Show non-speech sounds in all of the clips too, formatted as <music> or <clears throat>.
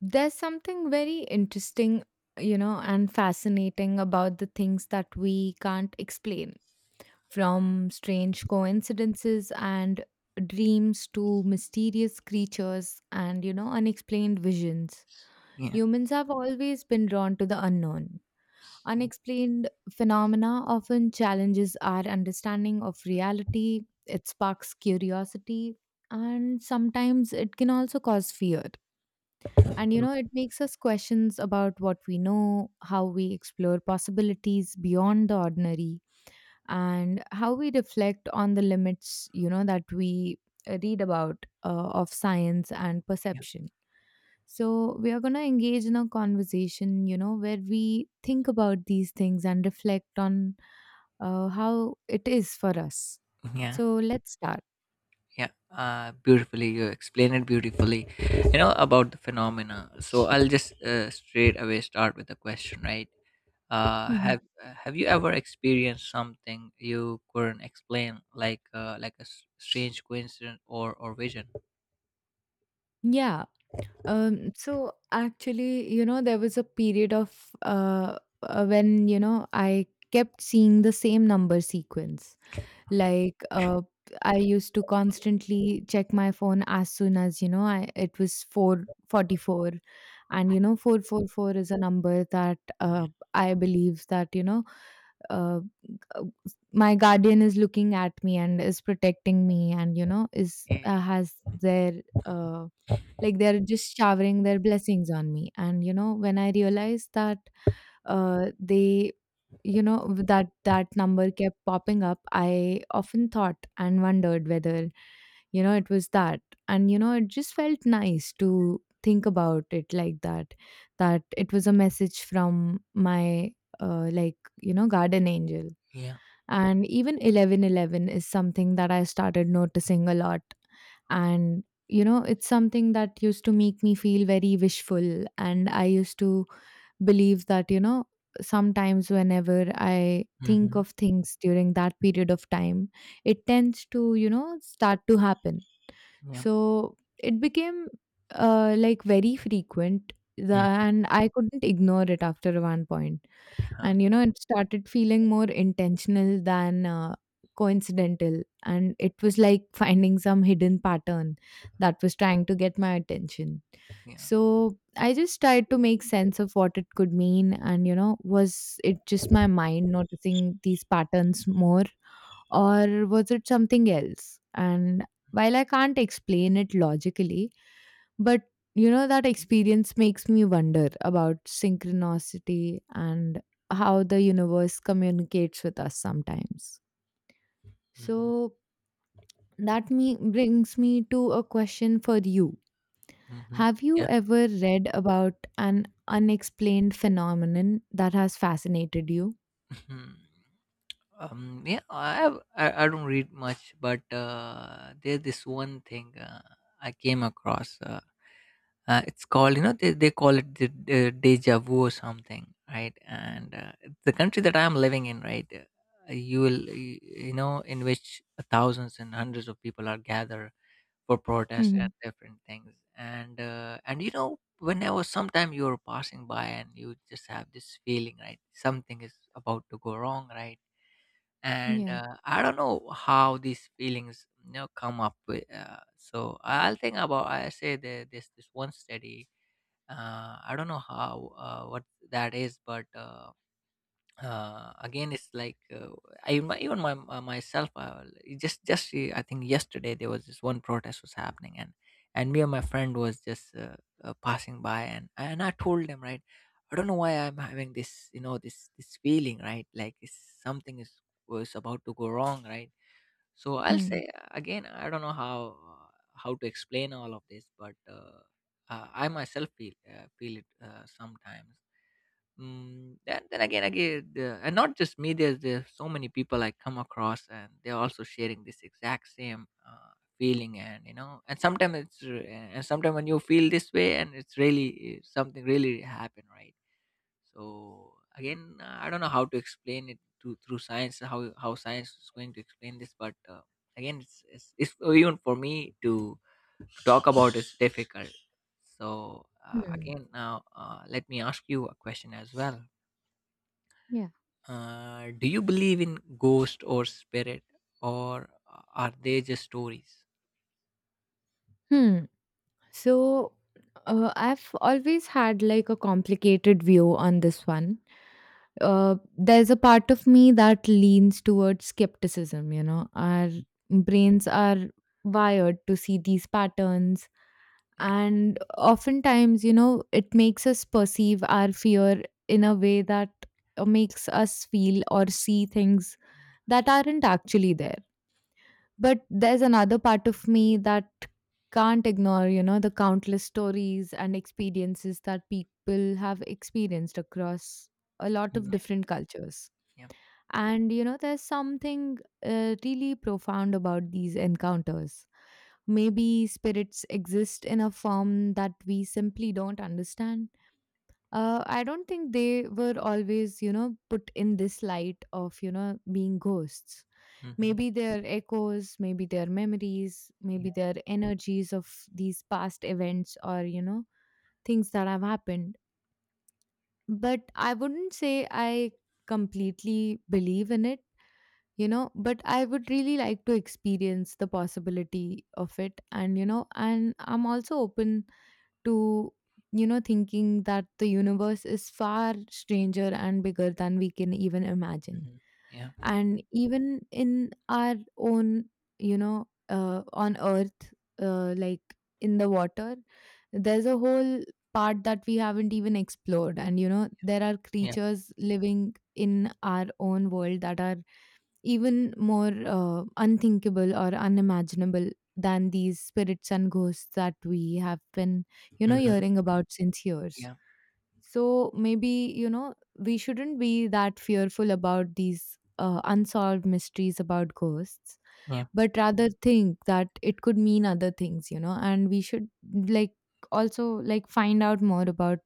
There's something very interesting, and fascinating about the things that we can't explain, from strange coincidences and dreams to mysterious creatures and, unexplained visions. Yeah. Humans have always been drawn to the unknown. Unexplained phenomena often challenges our understanding of reality, it sparks curiosity, and sometimes it can also cause fear. It makes us questions about what we know, how we explore possibilities beyond the ordinary, and how we reflect on the limits, that we read about of science and Yeah. perception. So, we are going to engage in a conversation, where we think about these things and reflect on how it is for us. Yeah. So, let's start. Yeah. Beautifully, you explain it beautifully. You know about the phenomena. So I'll just straight away start with the question, right? Uh, Mhm. have Have you ever experienced something you couldn't explain, like strange coincidence or vision? Yeah. So actually, there was a period of when, I kept seeing the same number sequence. Like, I used to constantly check my phone as soon as, it was 444. And, 444 is a number that I believe that, uh, uh, my guardian is looking at me and is protecting me and, is Yeah. has their. Uh, like they're just showering their blessings on me and when I realized that uh, they with that number kept popping up. I often thought and wondered whether, it was that. It just felt nice to think about it like that. That it was a message from my like, garden angel. Yeah. And even 11:11 is something that I started noticing a lot. It's something that used to make me feel very wishful, and I used to believe that sometimes whenever I think Mm-hmm. of things during that period of time, it tends to start to happen. Yeah. So it became like very frequent Mm-hmm. and I couldn't ignore it after one point. Huh, And it started feeling more intentional than coincidental, and it was like finding some hidden pattern that was trying to get my attention. yeah. So I just tried to make sense of what it could mean. And was it just my mind noticing these patterns more, or was it something else? And while I can't explain it logically, but that experience makes me wonder about synchronicity and how the universe communicates with us sometimes. Mhm, So that me brings me to a question for you. mhm, Have you yeah, ever read about an unexplained phenomenon that has fascinated you? mhm. Yeah, I have- I don't read much, but there's this one thing I came across. It's called, they call it the deja vu or something, right? Hmm. And The country that I'm living in, right, you will, you know, in which thousands and hundreds of people are gathered for protests and Hmm. different things. And you know, whenever sometime you're passing by and you just have this feeling, right? Something is about to go wrong, right? And Yeah. I don't know how these feelings you know come up with. So I'll think about. I say there's this one study. I don't know how what that is, but again it's like even my myself it just I think yesterday there was this one protest was happening and me and my friend was just passing by and I told him, right, I don't know why I'm having this you know this feeling, right? Something is was about to go wrong, right? So I'll Hmm. say, again I don't know how to explain all of this, but I myself feel feel it sometimes. Mm, then and not just me. There's so many people I come across, and they're also sharing this exact same feeling. And you know, and and sometimes when you feel this way, and it's really something really happened, right? So again, I don't know how to explain it to, through science. How science is going to explain this, but again, it's even for me to talk about is difficult. So Hmm. again, now let me ask you a question as well. Yeah. Do you believe in ghost or spirit, or are they just stories? Hmm. So I've always had like a complicated view on this one. There's a part of me that leans towards skepticism. Our brains are wired to see these patterns, Yeah. and oftentimes, it makes us perceive our fear in a way that makes us feel or see things Mm, that aren't actually there. But there's another part of me that can't ignore, the countless stories and experiences that people have experienced across a lot of yeah. different cultures. Yeah. There's something really profound about these encounters. Maybe spirits exist in a form that we simply don't understand. I don't think they were always, put in this light of, being ghosts. Mm-hmm. Maybe they're echoes, maybe they're memories, Yeah. maybe they're energies of these past events or, things that have happened. But I wouldn't say I completely believe in it. But I would really like to experience the possibility of it. And and I'm also open to thinking that the universe is far stranger and bigger than we can even imagine. Mm-hmm. Yeah. And even in our own, on earth, like in the water, there's a whole part that we haven't even explored. And there are Yeah. creatures living in our own world that are even more unthinkable or unimaginable than these spirits and ghosts that we have been Mm-hmm. hearing about since years. Yeah. So maybe we shouldn't be that fearful about these unsolved mysteries about ghosts, Yeah. but rather think that it could mean other things. And we should like also like find out more about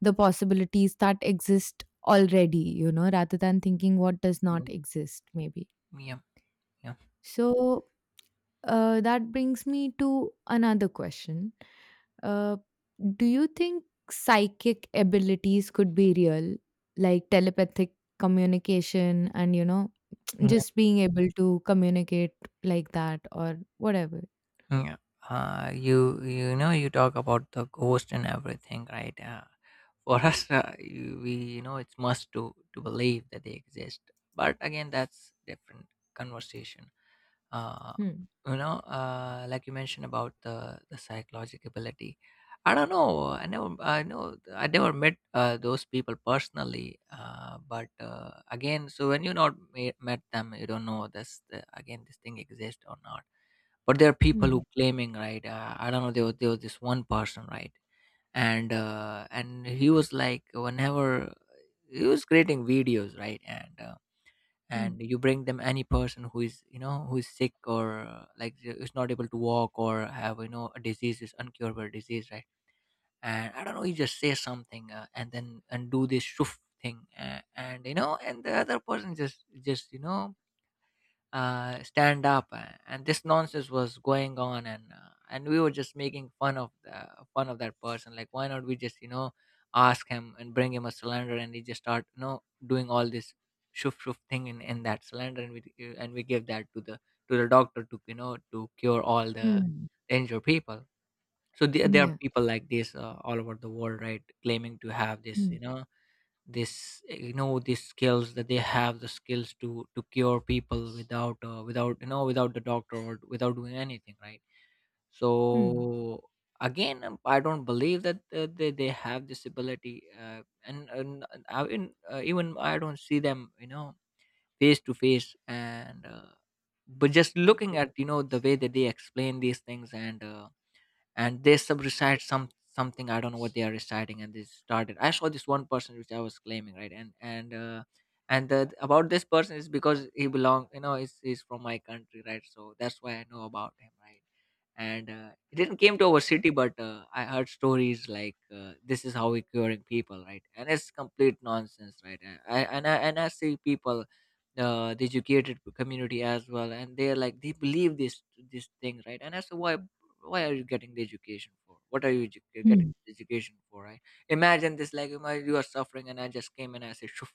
the possibilities that exist already, rather than thinking what does not Mm, exist maybe. yeah. Yeah. So that brings me to another question. Uh, do you think psychic abilities could be real, like telepathic communication and, <tsk> Yeah. just being able to communicate like that or whatever? Yeah. You you know you talk about the ghost and everything, right? For <laughs> us, we you know it's must to believe that they exist. But again, that's different conversation. uh, Hmm. you know like you mentioned about the psychological ability, I don't know. I know I never met those people personally, but again, so when you not me- met them, you don't know again this thing exists or not. But there are people Hmm. who claiming, right? I don't know, there was this one person, right? And he was like whenever he was creating videos, right, and Hmm. you bring them any person who is you know who is sick, or is not able to walk, or have you know a disease, is uncurable disease, right? And I don't know, you just say something, and then and do this shoof thing, and you know and the other person just you know stand up, and this nonsense was going on, and we were just making fun of the fun of that person. Like, why not we just you know ask him and bring him a cylinder, and he just start you know doing all this shoof shoof thing in that cylinder, and and we give that to the doctor to you know to cure all the Hmm. injured people. So there are Yeah. people like this all over the world, right, claiming to have this Hmm. you know you know these skills, that they have the skills to cure people without without you know without the doctor or without doing anything, right? Hmm. So again, I don't believe that they have this ability. Even I don't see them you know face to face, and but just looking at you know the way that they explain these things, and they sub recite some something. I don't know what they are reciting, and they started. I saw this one person which I was claiming, right, and about this person is because he belong, you know, is from my country, right, so that's why I know about him, right. and It didn't came to our city, but I heard stories like this is how we're curing people, right, and it's complete nonsense, right. And I see people, the educated community as well, and they're like they believe this thing, right. And I said, why are you getting the education for? What are you getting Hmm. this education for, right? Imagine this. Like, imagine you are suffering, and I just came and I said, Shoof,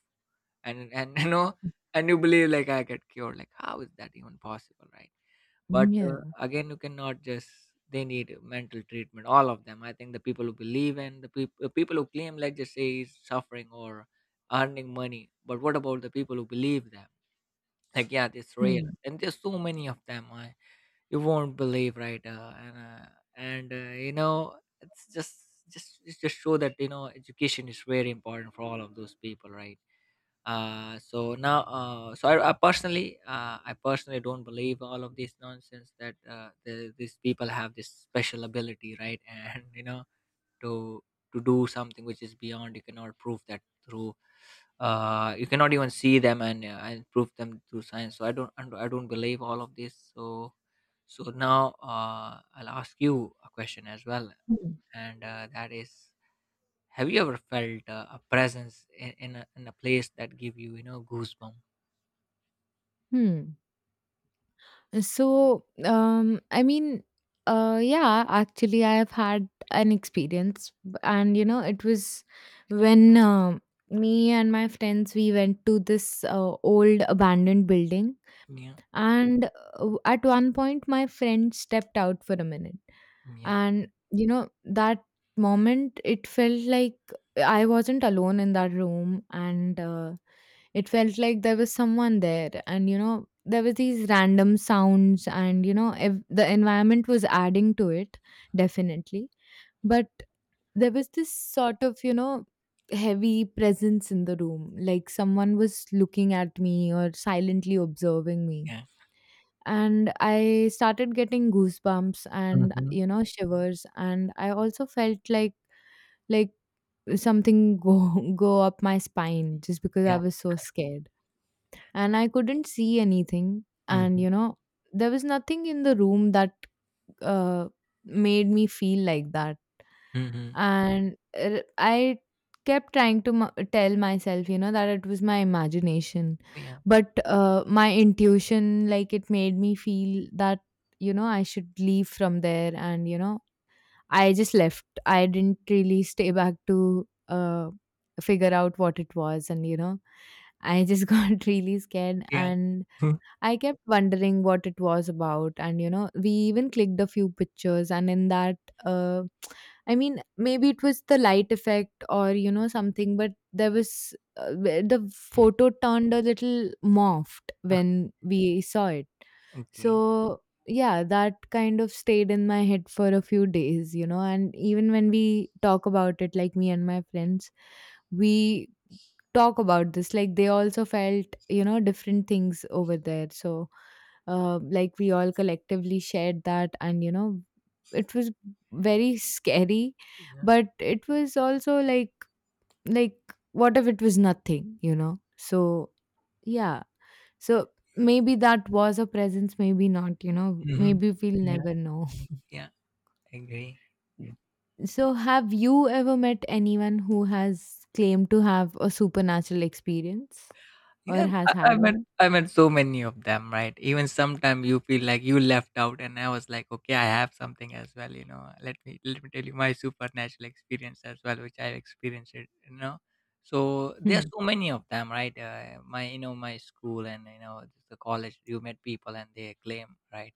and <laughs> you know, and you believe like I get cured. Like, how is that even possible, right? But Yeah. Again, you cannot just, they need mental treatment. All of them. I think the people who believe in the people who claim, like just say, is suffering or earning money. But what about the people who believe them? Like, yeah, this real, Hmm. and there's so many of them. I, you won't believe, right? And You know, it's just it's just show that you know education is very important for all of those people, right? So now so I personally I personally don't believe all of this nonsense that these people have this special ability, right. <laughs> And you know, to to do something which is beyond, you cannot prove that through you cannot even see them, and prove them through science. So I don't believe all of this. So so now I'll ask you a question as well, Hmm. and that is, have you ever felt a presence in a place that give you you know goosebumps? Hmm. So, I mean, yeah, actually, I have had an experience, and it was when me and my friends we went to this old abandoned building, Yeah, and at one point, my friend stepped out for a minute. yeah, And that moment it felt like I wasn't alone in that room. And it felt like there was someone there, and there were these random sounds, and the environment was adding to it, definitely. But there was this sort of, heavy presence in the room, like someone was looking at me or silently observing me. yeah. And I started getting goosebumps and Mm-hmm. Shivers. And I also felt like like something go <laughs> go up my spine just because I Yeah. was so scared. And I couldn't see anything. And Mm-hmm. you know, there was nothing in the room that uh, made me feel like that. Mm-hmm. And I kept trying to tell myself, that it was my imagination. Yeah, But my intuition, like, it made me feel that, I should leave from there. I just left. I didn't really stay back to figure out what it was. I just <laughs> got really scared. yeah. And I kept wondering what it was about. And we even clicked a few pictures, and in that, uh, <tsk> I mean, maybe it was the light effect or something, but there was where the photo turned a little morphed <laughs> when we saw it. Okay. So yeah, that kind of stayed in my head for a few days, and even when we talk about it, like me and my friends, we talk about this like they also felt different things over there. So like we all collectively shared that. And it was very scary, Yeah. but it was also like like what if it was nothing. So yeah, so maybe that was a presence, maybe not. Mm-hmm. Maybe we'll Yeah, never know. yeah. I agree. So have you ever met anyone who has claimed to have a supernatural experience or Yeah, has I, I had met one? So many of them, right? Even sometimes you feel like you left out, and I was like, okay, I have something as well, you know. Let me tell you my supernatural experience as well, which I experienced, it, you know. So there are Hmm. so many of them, right? My you know my school, and you know the college, you met people and they claim, right?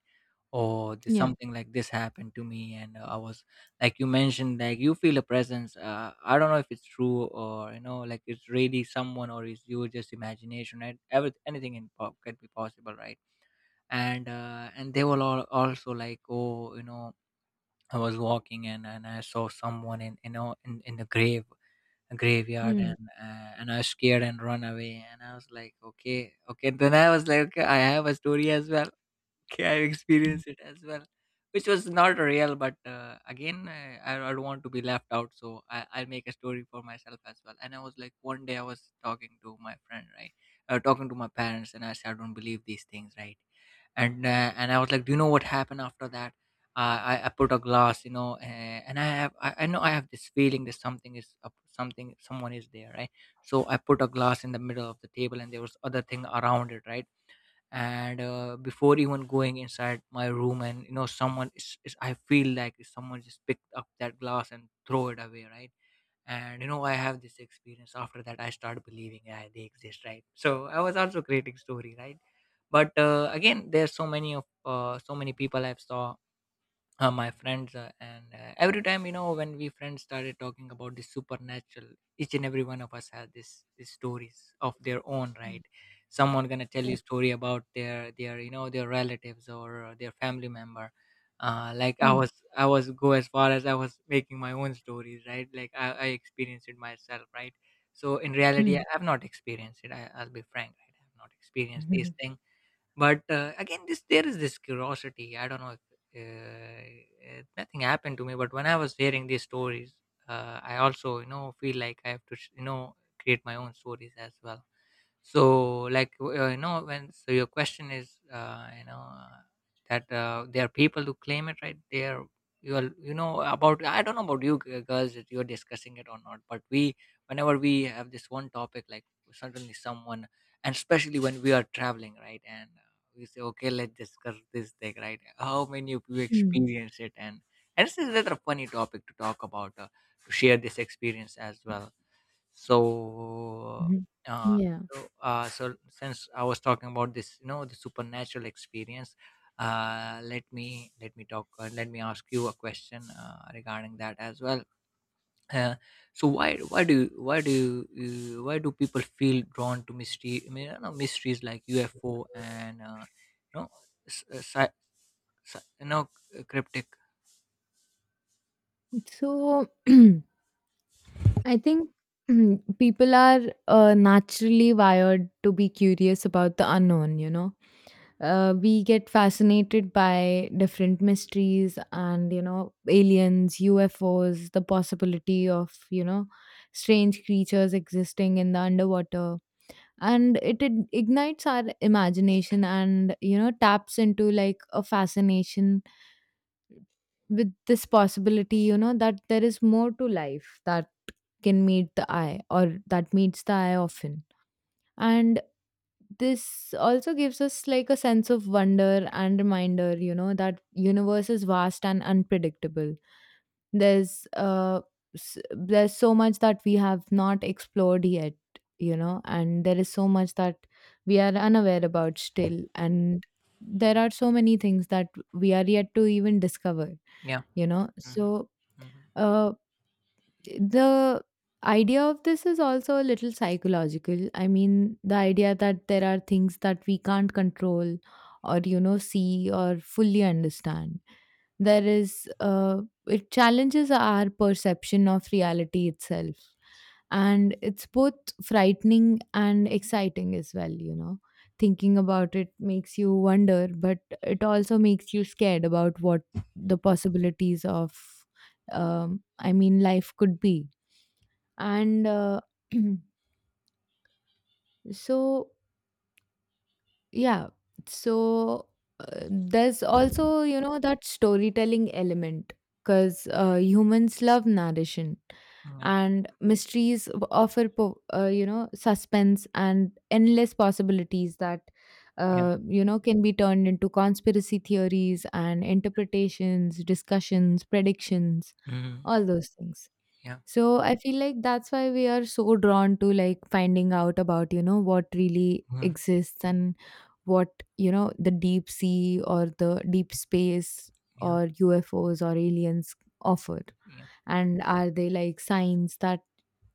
Or Yeah. something like this happened to me, and I was like you mentioned, like you feel a presence. I don't know if it's true or you know, like it's really someone, or is you just imagination, right? Anything could be possible, right. And they were all also like, oh you know, I was walking and I saw someone in you know in the grave, a graveyard, Mm. And I was scared and run away, and I was like, okay okay. Then I was like, okay, I have a story as well. <laughs> Okay, I've Mm. experienced it as well, which was not real. But again, I don't want to be left out, so I, I'll make a story for myself as well. And I was like, one day I was talking to my friend, right, talking to my parents, and I said, I don't believe these things, right? And I was like, do you know what happened after that? I put a glass, you know, and I know I have this feeling that something is up, something someone is there, right? So I put a glass in the middle of the table, and there was other thing around it, right? and Before even going inside my room, and you know someone is, I feel like someone just picked up that glass and throw it away, right? And you know, I have this experience. After that, I started believing. Yeah, they exist, right? So I was also creating story, right? but Again, there's so many of so many people I've saw, my friends, and every time when we friends started talking about the supernatural, each and every one of us had this these stories of their own, Mm. right? Someone gonna tell Yeah. you story about their their relatives or their family member. uh, like i Mm. was I was go as far as I was making my own stories, right? Like, I experienced it myself, right? So in reality, Mm. Have not experienced it. I'll be frank, right? I've not experienced these <laughs> things. Again, this there is this curiosity. I don't know if, Nothing happened to me, but when I was hearing these stories, I also, feel like I have to, create my own stories as well. So your question is, that there are people who claim it, right? You are, about, I don't know about you girls, if you're discussing it or not, but we, whenever we have this one topic, like, suddenly someone, and especially when we are traveling, right, and we say, okay, let's discuss this thing, right? How many of you Mhm. Mm. experience it? And this is rather a funny topic to talk about, to share this experience as well. So, Mhm. uh, Yeah. so since I was talking about this, the supernatural experience, let me talk. Let me ask you a question regarding that as well. Uh, why do you- why do Why do people feel drawn to mystery? I mean, I know mysteries like UFO and, you know, s- sci- sci- you know, c- cryptic. So <clears throat> I think people are naturally wired to be curious about the unknown. We get fascinated by different mysteries and, aliens, UFOs, the possibility of, strange creatures existing in the underwater. And it ignites our imagination and taps into like a fascination with this possibility, that there is more to life that can meet the eye or that meets the eye often. And this also gives us like a sense of wonder and reminder, that universe is vast and unpredictable. There's uh s- there's so much that we have not explored yet, and there is so much that we are unaware about still. And there are so many things that we are yet to even discover. Yeah. you know Hmm. so Hmm. uh the idea of this is also a little psychological. I mean, the idea that there are things that we can't control or, see or fully understand. There is, uh, it challenges our perception of reality itself. And it's both frightening and exciting as well. Thinking about it makes you wonder, but it also makes you scared about what the possibilities of I mean, life could be. And <clears throat> so, yeah, so there's also, that storytelling element because humans love narration Yeah. and mysteries offer, suspense and endless possibilities that. Yeah. Can be turned into conspiracy theories and interpretations, discussions, predictions, Hmm. all those things. Yeah. So I feel like that's why we are so drawn to like finding out about, what really Hmm. exists and what, the deep sea or the deep space Yeah. or UFOs or aliens offer. Yeah. And are they like signs that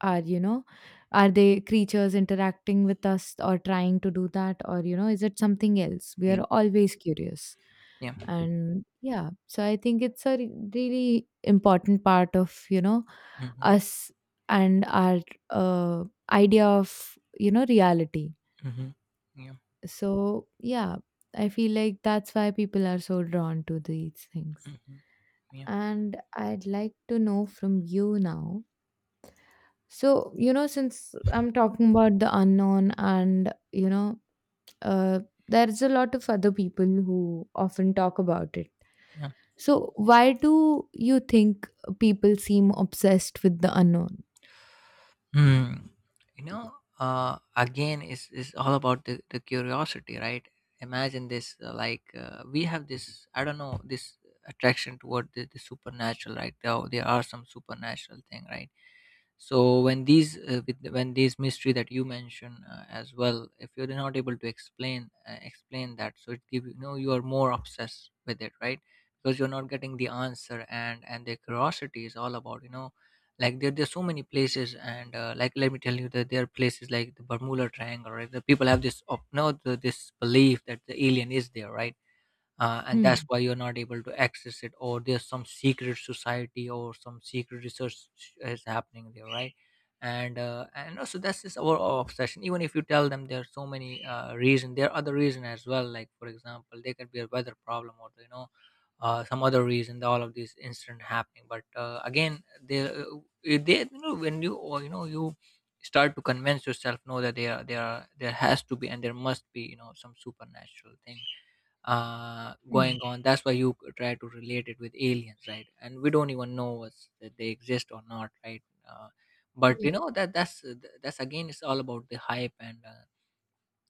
are, you know, are they creatures interacting with us or trying to do that? Is it something else? We are Yeah. always curious. Yeah. And yeah, so I think it's a really important part of, you know, Hmm. us and our uh, idea of, you know, reality. Hmm. Yeah. Hmm. Yeah. So yeah, I feel like that's why people are so drawn to these things. Mm-hmm. And I'd like to know from you now so, you know, since I'm talking about the unknown, and, you know, uh, there's a lot of other people who often talk about it. Yeah. So, why do you think people seem obsessed with the unknown? Hmm. You know, again, it's all about the curiosity, right? Imagine this, we have this, I don't know, this attraction toward the supernatural, right? There are some supernatural thing, right? So when these, when these mystery that you mention as well, if you're not able to explain that, so it give you, you know, you are more obsessed with it, right? Because you're not getting the answer, and the curiosity is all about, you know, like there's so many places, and like let me tell you that there are places like the Bermuda Triangle, right? The people have this, of no the, this belief that the alien is there, right? And that's Hmm. why you're not able to access it, or there's some secret society or some secret research is happening there, right? And also that's just our obsession. Even if you tell them, there are so many reason there are other reason as well, like, for example, there could be a weather problem, or, you know, some other reason, all of these incident happening. But Again, they, you know, when you, or, you know you start to convince yourself, no, that there has to be and there must be, you know, some supernatural thing Hmm. going on. That's why you try to relate it with aliens, right? And we don't even know that they exist or not, right? Uh, but you Yeah. know, that's, that's, again, it's all about the hype.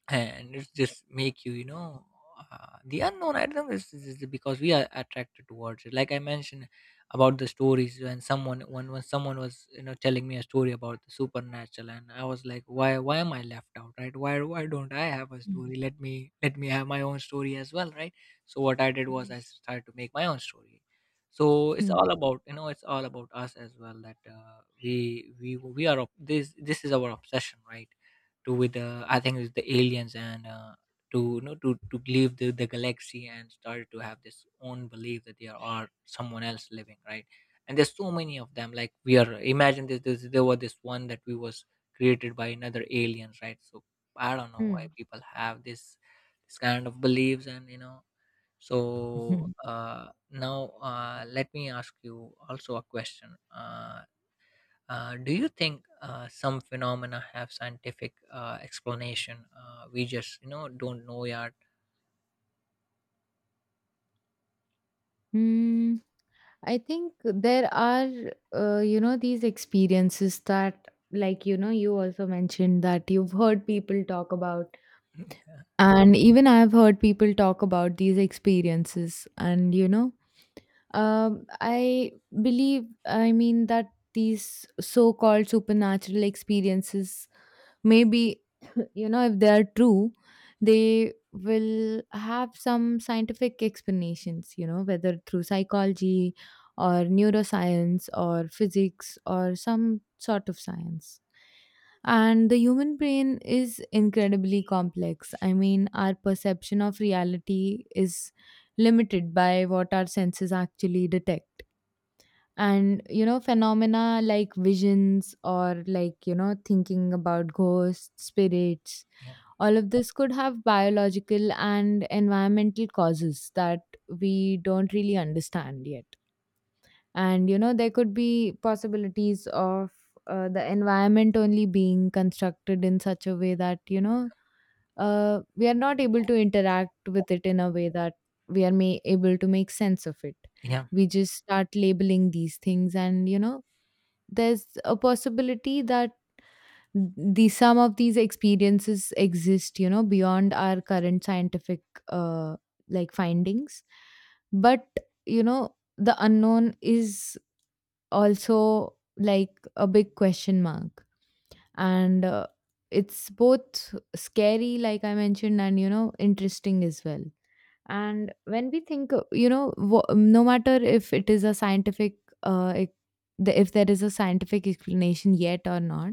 And it's just make you, you know, the unknown, I do this is because we are attracted towards it, like I mentioned about the stories. When when someone was, you know, telling me a story about the supernatural, and I was like, why am I left out, right? Why don't I have a Hmm. story? Let me have my own story as well, right? So what I did was, Yeah. I started to make my own story. So it's Hmm. all about, you know, it's all about us as well, that we are, this is our obsession, right? To with the, I think it's the aliens, and to, you know, to leave the galaxy and started to have this own belief that there are someone else living, right? And there's so many of them. Like we are, imagine this, there was this one that we was created by another aliens, right? So I don't know why Hmm. people have this kind of beliefs, and you know. <laughs> So Hmm. Now Let me ask you also a question. Do you think some phenomena have scientific explanation? We just, you know, don't know yet. Hmm. I think there are, you know, these experiences that, like, you know, you also mentioned that you've heard people talk about. Mm. And even I've heard people talk about these experiences, and I believe, I mean, that these so called supernatural experiences maybe <laughs> you know if they are true, they will have some scientific explanations, you know, whether through psychology or neuroscience or physics or some sort of science. And the human brain is incredibly complex. I mean, our perception of reality is limited by what our senses actually detect. And you know, phenomena like visions or, like, you know, thinking about ghosts, spirits, Yeah, all of this could have biological and environmental causes that we don't really understand yet. And you know, there could be possibilities of the environment only being constructed in such a way that you know we are not able to interact with it in a way that we are able to make sense of it. yeah, We just start labeling these things, and you know, there's a possibility that the some of these experiences exist, you know, beyond our current scientific uh, like findings. But you know, the unknown is also like a big question mark, and it's both scary, like I mentioned, and you know, interesting as well. And when we think you know, no matter if it is a scientific uh, ex- if there is a scientific explanation yet or not,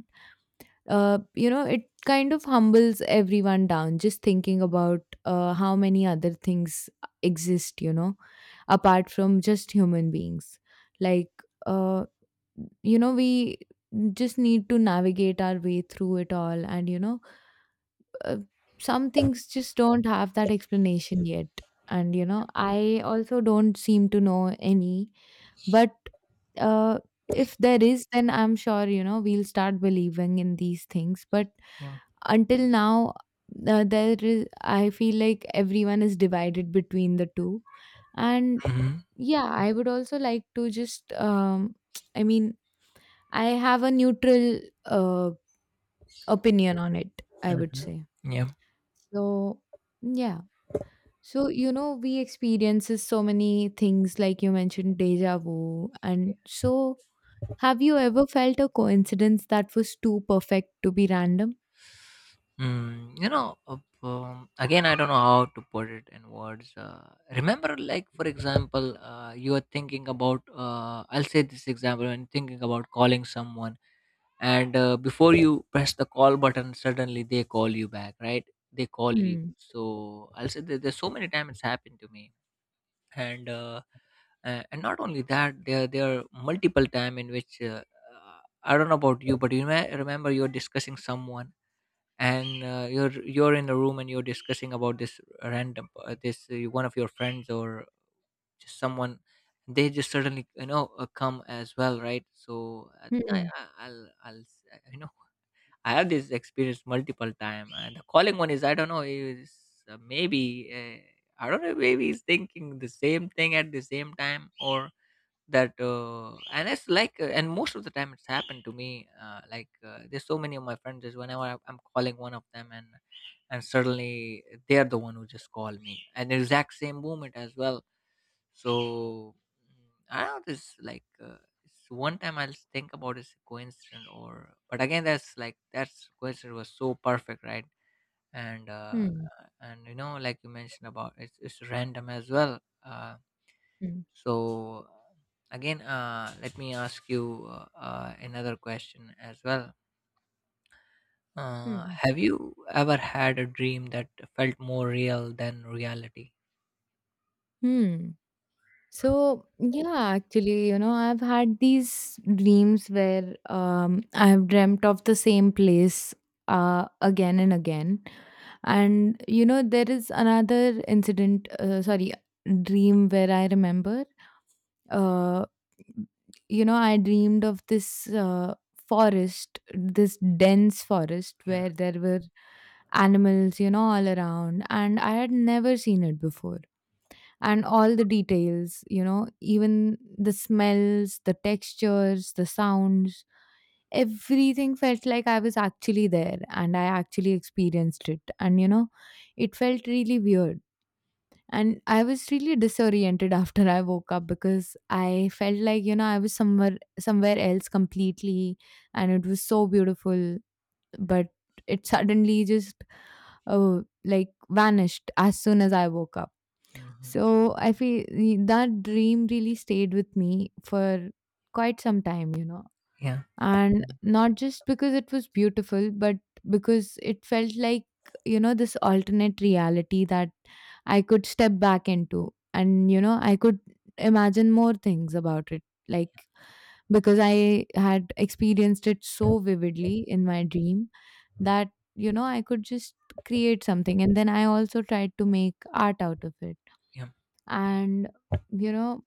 you know, it kind of humbles everyone down just thinking about how many other things exist, you know, apart from just human beings. Like uh, you know, we just need to navigate our way through it all, and uh, some things just don't have that explanation yet. And you know, I also don't seem to know any, but uh, if there is, then I'm sure you know we'll start believing in these things. But yeah. until now there is, I feel like everyone is divided between the two. And Hmm. yeah, I would also like to just <tsk> I mean, I have a neutral uh, opinion on it, I would Hmm. say. Yeah. So, yeah. So, you know, we experiences so many things like you mentioned, deja vu. And so, have you ever felt a coincidence that was too perfect to be random? You know, again, I don't know how to put it in words. Remember, like, for example, you are thinking about. I'll say this example, when thinking about calling someone, and before you press the call button, suddenly they call you back, right? They call you. Hmm. So I'll say that there's so many times it's happened to me. and uh, and not only that, there are multiple time in which, I don't know about you, but you may remember, you're discussing someone, and you're in a room, and you're discussing about this random, this one of your friends, or just someone, they just suddenly, you know, come as well, right? So Hmm. You know, I have this experience multiple time. And the calling one, is I don't know, is maybe I don't know, maybe he's thinking the same thing at the same time, or that and it's like, and most of the time it's happened to me, there's so many of my friends, is whenever I'm calling one of them, and suddenly they're the one who just called me, and the exact same moment as well. So, mm, I don't know. It's one time, I'll think about it's a coincidence, or, but again, that's coincidence was so perfect, right? And uh, Hmm. and you know, like you mentioned about, it's random as well. Hmm. so Again, let me ask you another question as well. Hmm. Have you ever had a dream that felt more real than reality? Hmm. So, yeah, actually, you know, I've had these dreams where I've dreamt of the same place again and again. And you know, there is another incident, sorry, dream where I remember, uh, you know, I dreamed of this forest, this dense forest Yeah. where there were animals, you know, all around. And I had never seen it before. And all the details, you know, even the smells, the textures, the sounds, everything felt like I was actually there and I actually experienced it. And you know, it felt really weird. And I was really disoriented <laughs> after I woke up because I felt like, you know, I was somewhere else completely, and it was so beautiful. But it suddenly just like vanished as soon as I woke up. Hmm. So I feel that dream really stayed with me for quite some time, you know, Yeah. and not just because it was beautiful, but because it felt like, you know, this alternate reality that I could step back into, and you know, I could imagine more things about it, like, because I had experienced it so vividly in my dream that you know I could just create something, and then I also tried to make art out of it. Yeah. And you know,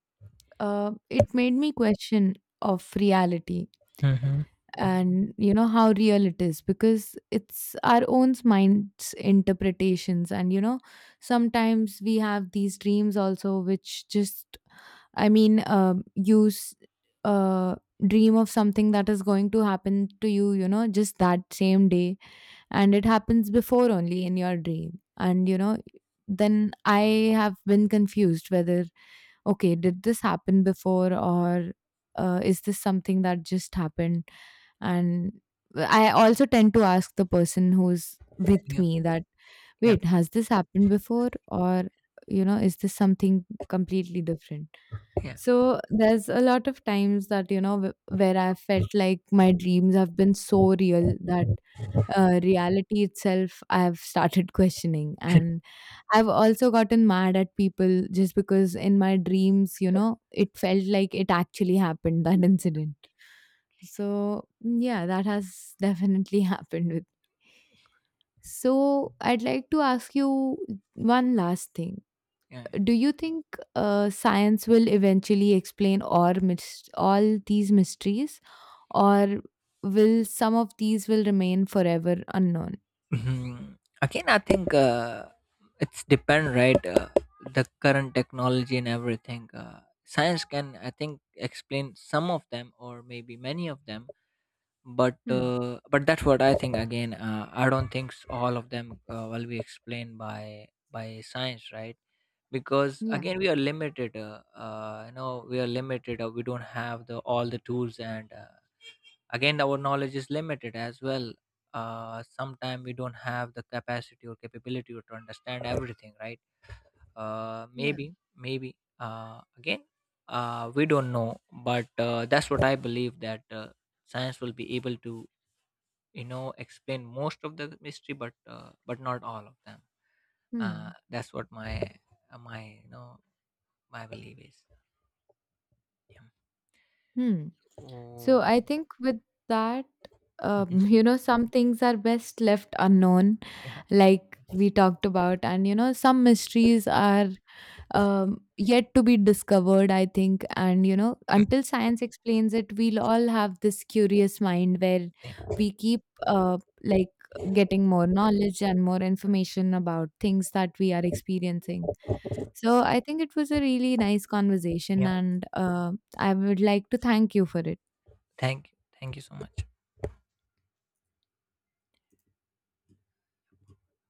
it made me question of reality. Hmm. And you know, how real it is, because it's our own mind's interpretations. And you know, sometimes we have these dreams also which just, I mean, uh, dream of something that is going to happen to you, you know, just that same day, and it happens before only in your dream. And you know, then I have been confused whether, okay, did this happen before, or is this something that just happened? And I also tend to ask the person who's with Yeah. me that, Yeah. "Wait, has this happened before?" Or, you know, "Is this something completely different?" Yeah. So there's a lot of times that, you know, where I felt like my dreams have been so real that reality itself I have started <laughs> questioning. <laughs> And I've also gotten mad at people just because in my dreams, you know, it felt like it actually happened, that incident. So, mm, yeah, that has definitely <laughs> happened with. So, I'd like to ask you one last thing. yeah, yeah. Do you think science will eventually explain all these mysteries, or will some of these will remain forever unknown? Mhm. Again, I think, it's depend, right? The current technology and everything, science can, I think, explain some of them, or maybe many of them. Hmm. But that's what I think. Again, I don't think all of them will be explained by science, right? Because, Yeah. again, we are limited. You know, we are limited, we don't have the all the tools. And Again, our knowledge is limited as well. Sometimes we don't have the capacity or capability to understand everything, right? Yeah. Maybe, again, we don't know. But That's what I believe, that, science will be able to, you know, explain most of the mystery, but not all of them. Hmm. That's what my, my, you know, my belief is. Yeah. Hmm. So, Oh. I think with that, Mhm. <laughs> you know, some things are best left unknown, Yeah. like we talked about, and you know, some mysteries are yet to be discovered, I think. And, you know, until <laughs> science explains it, we'll all have this curious mind where same. we keep uh, like getting more knowledge and more information about things that we are experiencing. So I think it was a really nice conversation, Yeah. and I would like to thank you for it. Thank you, thank you so much.